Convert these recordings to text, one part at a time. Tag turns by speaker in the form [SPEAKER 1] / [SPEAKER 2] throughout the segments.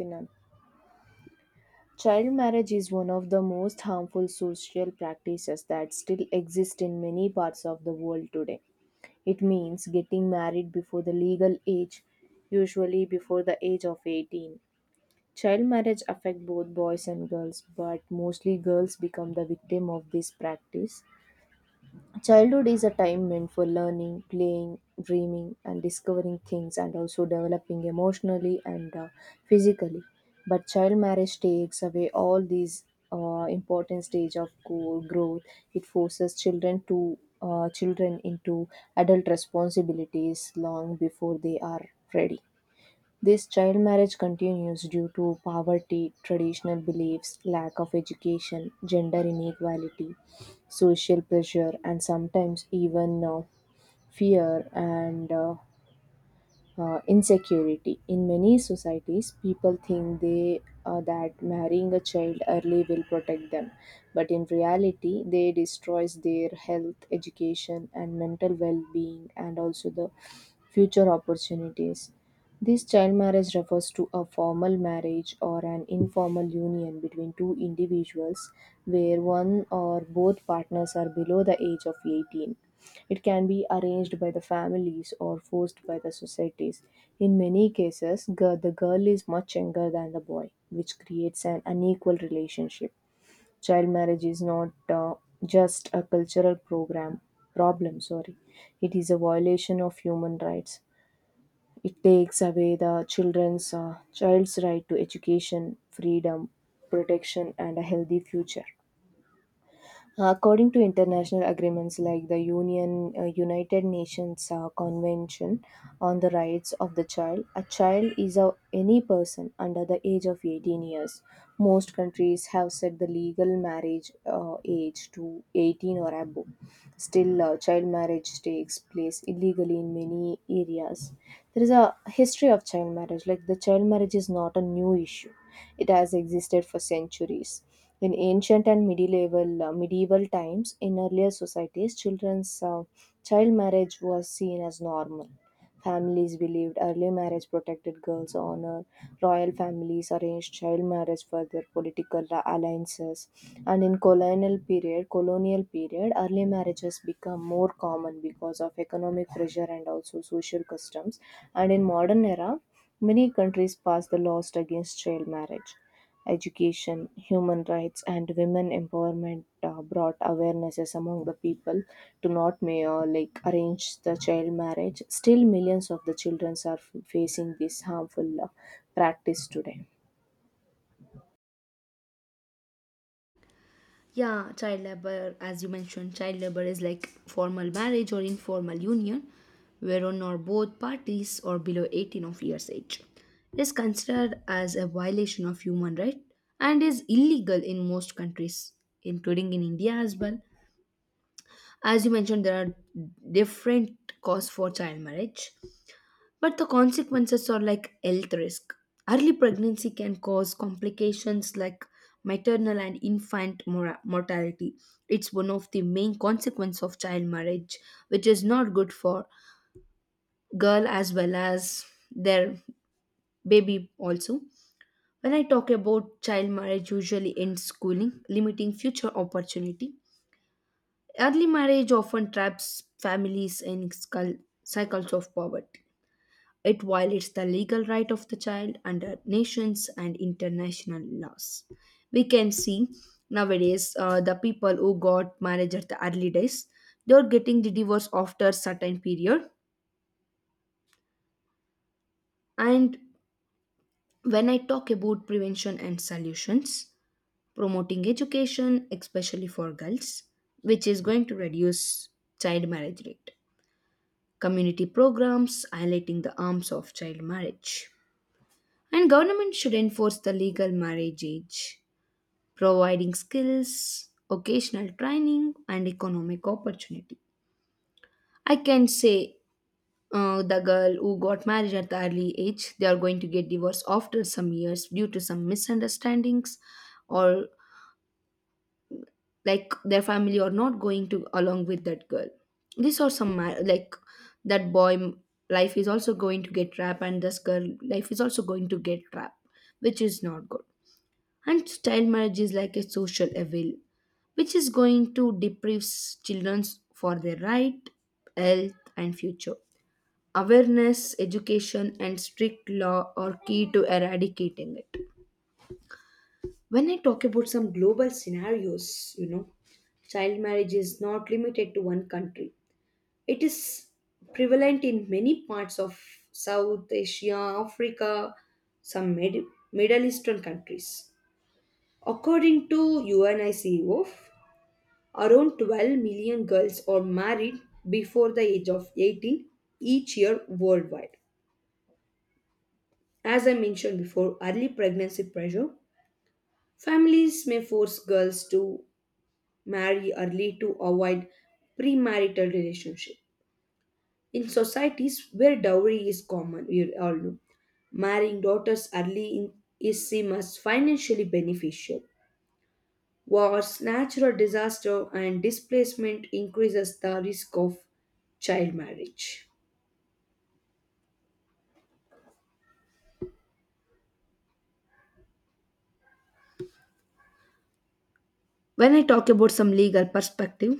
[SPEAKER 1] Pinam. Child marriage is one of the most harmful social practices that still exist in many parts of the world today. It means getting married before the legal age, usually before the age of 18. Child marriage affects both boys and girls, but mostly girls become the victim of this practice. Childhood is a time meant for learning, playing, dreaming, and discovering things, and also developing emotionally and physically. But child marriage takes away all these important stage of growth. It forces children to children into adult responsibilities long before they are ready. This child marriage continues due to poverty, traditional beliefs, lack of education, gender inequality, social pressure, and sometimes even fear and insecurity. In many societies, people think they that marrying a child early will protect them, but in reality, they destroys their health, education, and mental well-being, and also the future opportunities. This child marriage refers to a formal marriage or an informal union between two individuals where one or both partners are below the age of 18. It can be arranged by the families or forced by the societies. In many cases, the girl is much younger than the boy, which creates an unequal relationship. Child marriage is not just a cultural program problem, sorry. It is a violation of human rights. It takes away the children's child's right to education, freedom, protection, and a healthy future. According to international agreements like the Union United Nations Convention on the Rights of the Child, a child is any person under the age of 18 years. Most countries have set the legal marriage age to 18 or above. Still, child marriage takes place illegally in many areas. There is a history of child marriage. Like the child marriage is not a new issue; it has existed for centuries in ancient and medieval times. In earlier societies, child marriage was seen as normal. Families believed early marriage protected girls' honor. Royal families arranged child marriage for their political alliances. And in colonial period, early marriages become more common because of economic pressure and also social customs. And in modern era, many countries passed the laws against child marriage. Education, human rights, and women empowerment brought awarenesses among the people to not may like arrange the child marriage. Still, millions of the children are facing this harmful practice today.
[SPEAKER 2] Yeah, child labor, as you mentioned, child labor is like formal marriage or informal union, whereon or both parties are below 18 of years age. It is considered as a violation of human right and is illegal in most countries, including in India as well. As you mentioned, there are different causes for child marriage, but the consequences are like health risk. Early pregnancy can cause complications like maternal and infant mortality. It's one of the main consequences of child marriage, which is not good for girl as well as their baby also. When I talk about child marriage, usually ends schooling, limiting future opportunity. Early marriage often traps families in cycles of poverty. It violates the legal right of the child under nations and international laws. We can see nowadays the people who got marriage at the early days, they're getting the divorce after certain period. And when I talk about prevention and solutions, promoting education, especially for girls, which is going to reduce child marriage rate, community programs highlighting the harms of child marriage. And government should enforce the legal marriage age, providing skills, occasional training, and economic opportunity. I can say the girl who got married at the early age, they are going to get divorced after some years due to some misunderstandings, or like their family are not going to along with that girl. These are some that life is also going to get trapped, and this girl life is also going to get trapped, which is not good. And child marriage is like a social evil which is going to deprive children for their right, health, and future. Awareness, education, and strict law are key to eradicating it. When I talk about some global scenarios, child marriage is not limited to one country. It is prevalent in many parts of South Asia, Africa, some Middle Eastern countries. According to UNICEF, around 12 million girls are married before the age of 18 each year worldwide. As I mentioned before, early pregnancy pressure. Families may force girls to marry early to avoid premarital relationship. In societies where dowry is common, we all know, marrying daughters early in, is seen as financially beneficial. Wars, natural disaster, and displacement increases the risk of child marriage. When I talk about some legal perspective,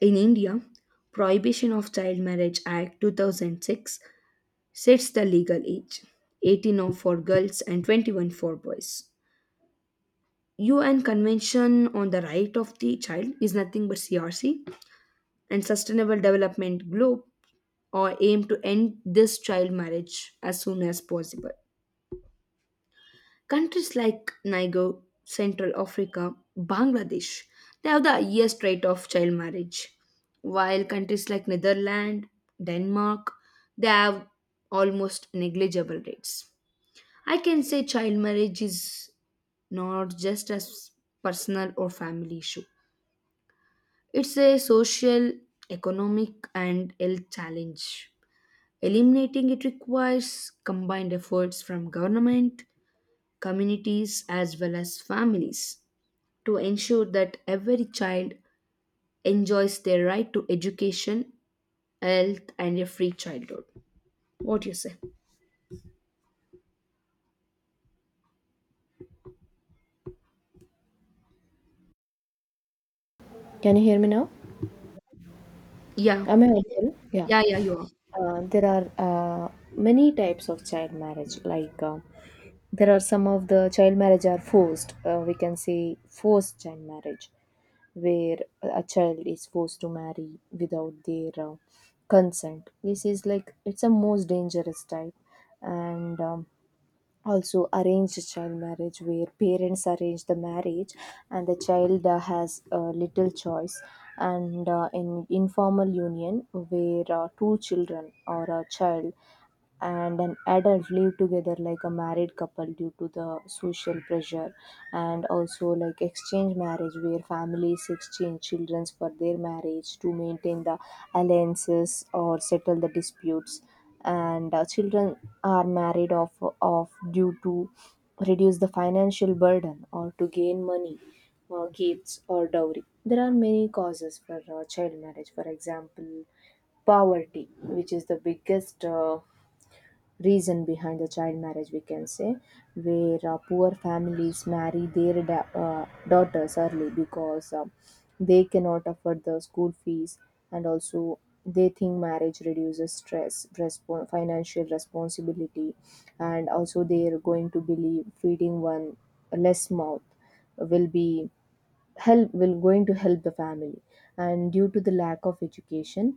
[SPEAKER 2] in India, Prohibition of Child Marriage Act 2006 sets the legal age 18 for girls and 21 for boys. UN Convention on the Right of the Child is nothing but CRC, and Sustainable Development Globe or aim to end this child marriage as soon as possible. Countries like Niger, Central Africa, Bangladesh, they have the highest rate of child marriage, while countries like Netherlands, Denmark, they have almost negligible rates. I can say child marriage is not just a personal or family issue. It's a social, economic, and health challenge. Eliminating it requires combined efforts from government, communities, as well as families to ensure that every child enjoys their right to education, health, and a free childhood. What do you say?
[SPEAKER 1] Can you hear me now?
[SPEAKER 2] Yeah,
[SPEAKER 1] Am I audible? Yeah.
[SPEAKER 2] yeah, yeah, you are.
[SPEAKER 1] There are many types of child marriage. Like there are some of the child marriage are forced. We can say forced child marriage where a child is forced to marry without their consent. This is like it's a most dangerous type, and also arranged child marriage where parents arrange the marriage and the child has little choice, and in informal union where two children or a child and an adult live together like a married couple due to the social pressure, and also like exchange marriage where families exchange children for their marriage to maintain the alliances or settle the disputes. And children are married off due to reduce the financial burden or to gain money, gifts or dowry. There are many causes for child marriage. For example, poverty, which is the biggest reason behind the child marriage, we can say, where poor families marry their daughters early because they cannot afford the school fees, and also they think marriage reduces financial responsibility, and also they are going to believe feeding one less mouth will be help will going to help the family. And due to the lack of education,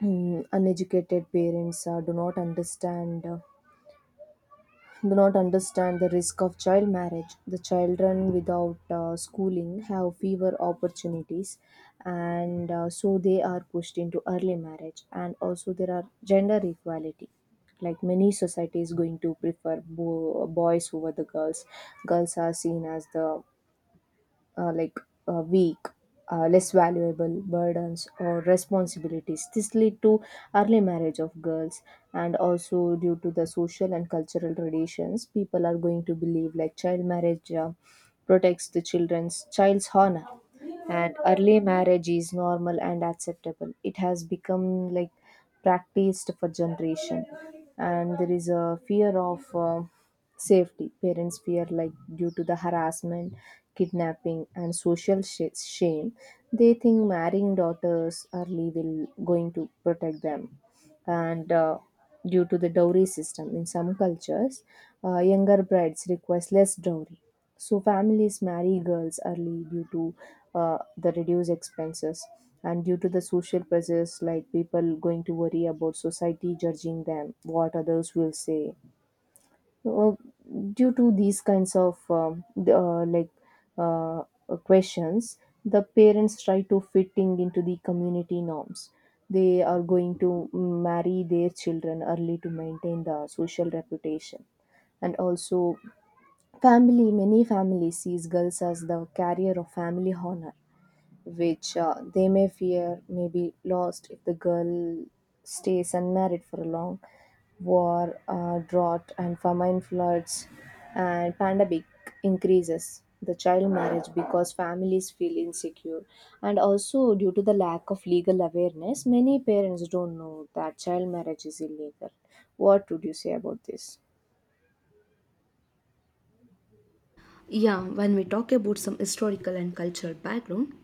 [SPEAKER 1] uneducated parents do not understand the risk of child marriage. The children without schooling have fewer opportunities, and so they are pushed into early marriage. And also, there are gender equality. Like many societies, going to prefer boys over the girls. Girls are seen as the uh, like weak, less valuable burdens or responsibilities. This lead to early marriage of girls, and also due to the social and cultural traditions, people are going to believe like child marriage protects the children's child's honor, and early marriage is normal and acceptable. It has become like practiced for generation, and there is a fear of. Safety. Parents fear, like, due to the harassment, kidnapping, and social shame, they think marrying daughters early will going to protect them. And due to the dowry system in some cultures, younger brides request less dowry. So families marry girls early due to the reduced expenses, and due to the social pressures like people going to worry about society judging them, what others will say, uh, due to these kinds of the, like uh, questions. The parents try to fitting into the community norms. They are going to marry their children early to maintain the social reputation. And also, family many families sees girls as the carrier of family honor, which they may fear may be lost if the girl stays unmarried for a long. War, drought, and famine floods, and pandemic increases the child marriage because families feel insecure. And also due to the lack of legal awareness, many parents don't know that child marriage is illegal. What would you say about this?
[SPEAKER 2] Yeah, when we talk about some historical and cultural background,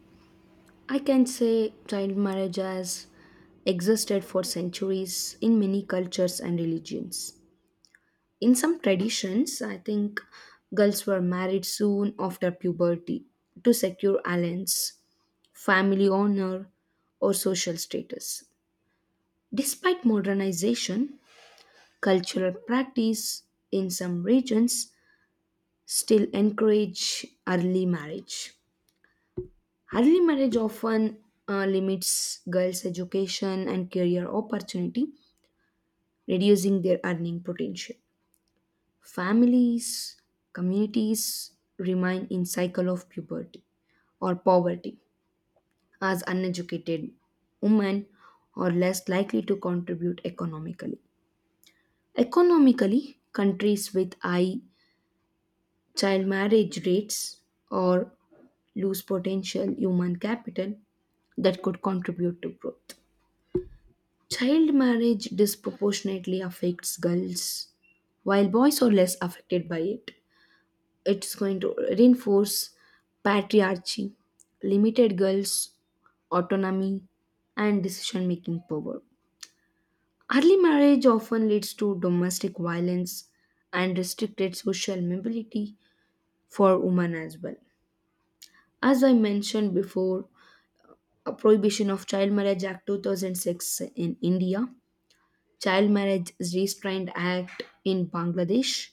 [SPEAKER 2] I can say child marriage as existed for centuries in many cultures and religions. In some traditions, I think girls were married soon after puberty to secure alliance, family honor, or social status. Despite modernization, cultural practice in some regions still encourage early marriage. Early marriage often limits girls' education and career opportunity, reducing their earning potential. Families, communities remain in cycle of puberty or poverty as uneducated women are less likely to contribute economically. Economically, countries with high child marriage rates or lose potential human capital that could contribute to growth. Child marriage disproportionately affects girls, while boys are less affected by it. It's going to reinforce patriarchy, limited girls' autonomy, and decision making power. Early marriage often leads to domestic violence and restricted social mobility for women as well. As I mentioned before, a prohibition of child marriage act 2006 in India, child marriage is restrained act in Bangladesh.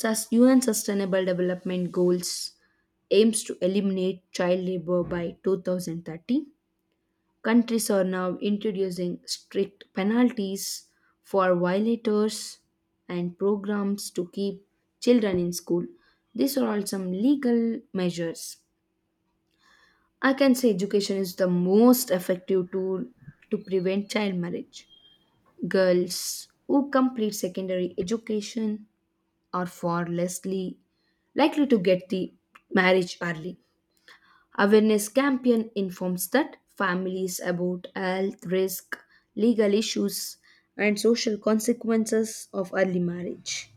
[SPEAKER 2] Thus, UN Sustainable Development Goals aims to eliminate child labor by 2030. Countries are now introducing strict penalties for violators and programs to keep children in school. These are all some legal measures. I can say education is the most effective tool to prevent child marriage. Girls who complete secondary education are far likely to get the marriage early. Awareness campaign informs that families about health risk, legal issues, and social consequences of early marriage.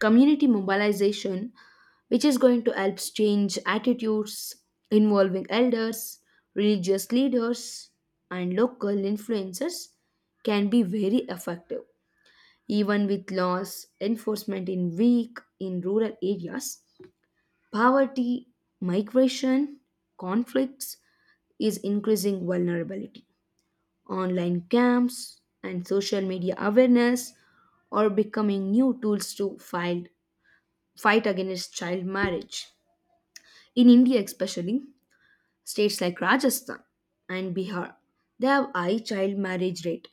[SPEAKER 2] Community mobilization, which is going to help change attitudes involving elders, religious leaders, and local influencers, can be very effective. Even with laws enforcement in weak in rural areas, poverty, migration, conflicts is increasing vulnerability. Online camps and social media awareness are becoming new tools to fight, fight against child marriage. In India, especially, states like Rajasthan and Bihar, they have high child marriage rate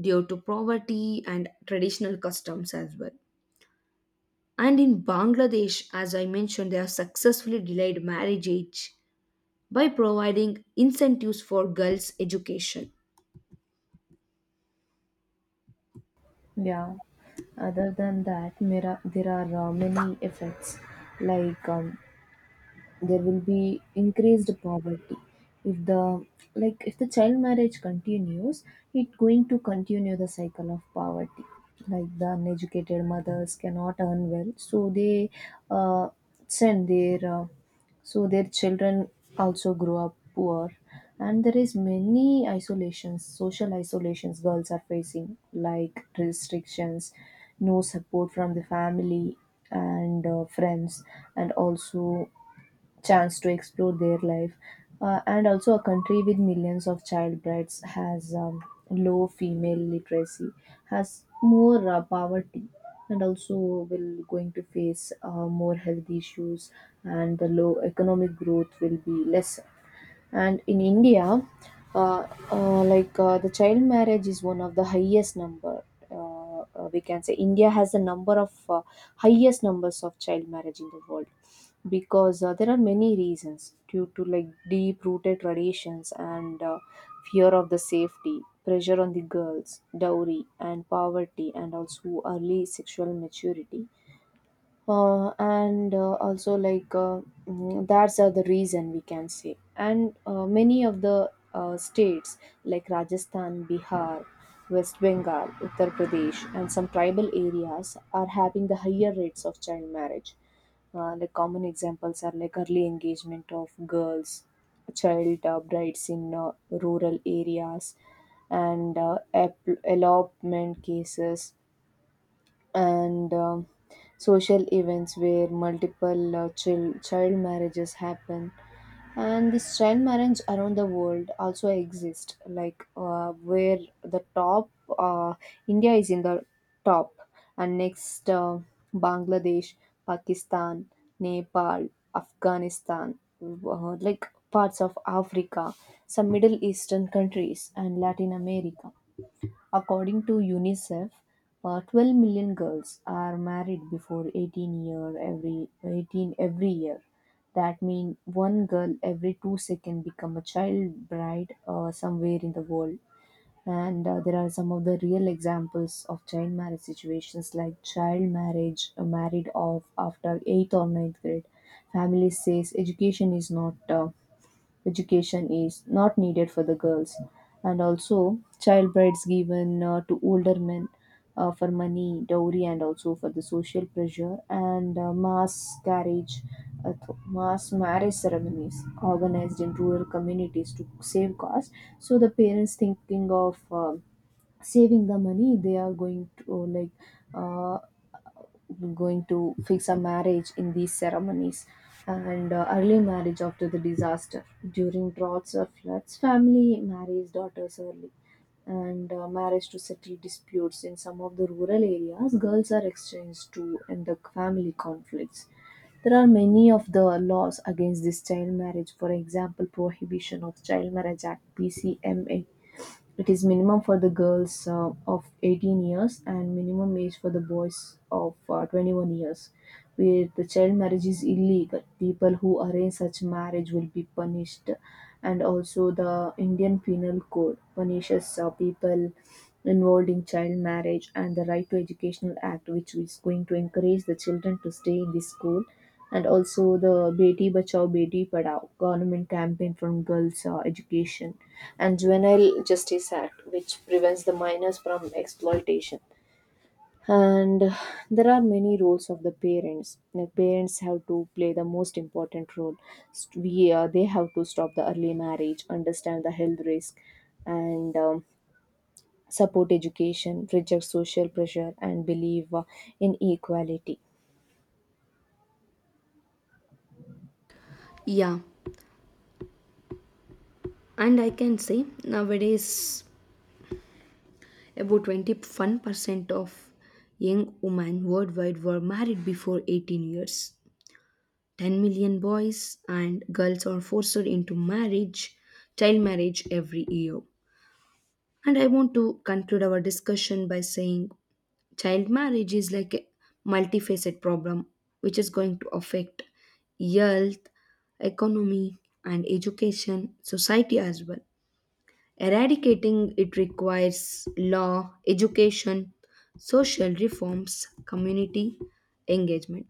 [SPEAKER 2] due to poverty and traditional customs as well. And in Bangladesh, as I mentioned, they have successfully delayed marriage age by providing incentives for girls' education.
[SPEAKER 1] Yeah. Other than that, there are many effects like there will be increased poverty if the like if the child marriage continues. It going to continue the cycle of poverty like the uneducated mothers cannot earn well, so they uh, send their so their children also grow up poor. And there is many isolations, social isolations girls are facing like restrictions, no support from the family and friends, and also chance to explore their life. And also, a country with millions of child brides has low female literacy, has more poverty, and also will going to face more health issues, and the low economic growth will be less. And in india, uh, the child marriage is one of the highest number. We can say india has the number of highest numbers of child marriage in the world, because there are many reasons due to like deep rooted traditions and fear of the safety, pressure on the girls, dowry and poverty, and also early sexual maturity. And also like mm, that's the reason we can say. And many of the states like rajasthan, bihar, west bengal, uttar pradesh, and some tribal areas are having the higher rates of child marriage. Like common examples are like early engagement of girls, child brides in rural areas, and elopement cases, and social events where multiple child marriages happen. And this child marriage around the world also exist like where the top uh, india is in the top, and next bangladesh, pakistan, nepal, afghanistan, like parts of africa, some middle eastern countries and latin america. According to UNICEF, 12 million girls are married before 18 every year. That means one girl every 2 seconds become a child bride somewhere in the world. And there are some of the real examples of child marriage situations like child marriage married off after 8th or ninth grade. Family says education is not needed for the girls, and also child brides given to older men for money, dowry, and also for the social pressure, and mass marriage ceremonies organized in rural communities to save cost. So the parents thinking of saving the money, they are going to Uh, going to fix a marriage in these ceremonies. And early marriage after the disaster, during droughts or floods family marries daughters early. And marriage to settle disputes, in some of the rural areas girls are exchanged to end the family conflicts. There are many of the laws against this child marriage, for example Prohibition of Child Marriage Act, PCMA. It is minimum for the girls of 18 years and minimum age for the boys of 21 years. Where the child marriage is illegal, people who arrange such marriage will be punished. And also, the Indian Penal Code punishes people involved in child marriage, and the Right to Educational Act, which is going to encourage the children to stay in the school, and also the Beti Bachao Beti Padhao government campaign from girls' education, and Juvenile Justice Act which prevents the minors from exploitation. And there are many roles of the parents. The parents have to play the most important role. St- we They have to stop the early marriage, understand the health risk, and support education, reject social pressure, and believe in equality.
[SPEAKER 2] Yeah, and I can say nowadays about 21% of young women worldwide were married before 18 years. 10 million boys and girls are forced into marriage, child marriage every year. And I want to conclude our discussion by saying child marriage is like a multifaceted problem which is going to affect health, economy, and education society as well. Eradicating it requires law, education, social reforms, community engagement.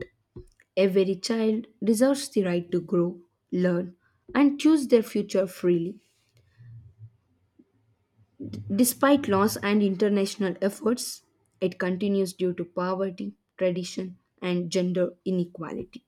[SPEAKER 2] Every child deserves the right to grow, learn, and choose their future freely. Despite laws and international efforts, it continues due to poverty, tradition, and gender inequality.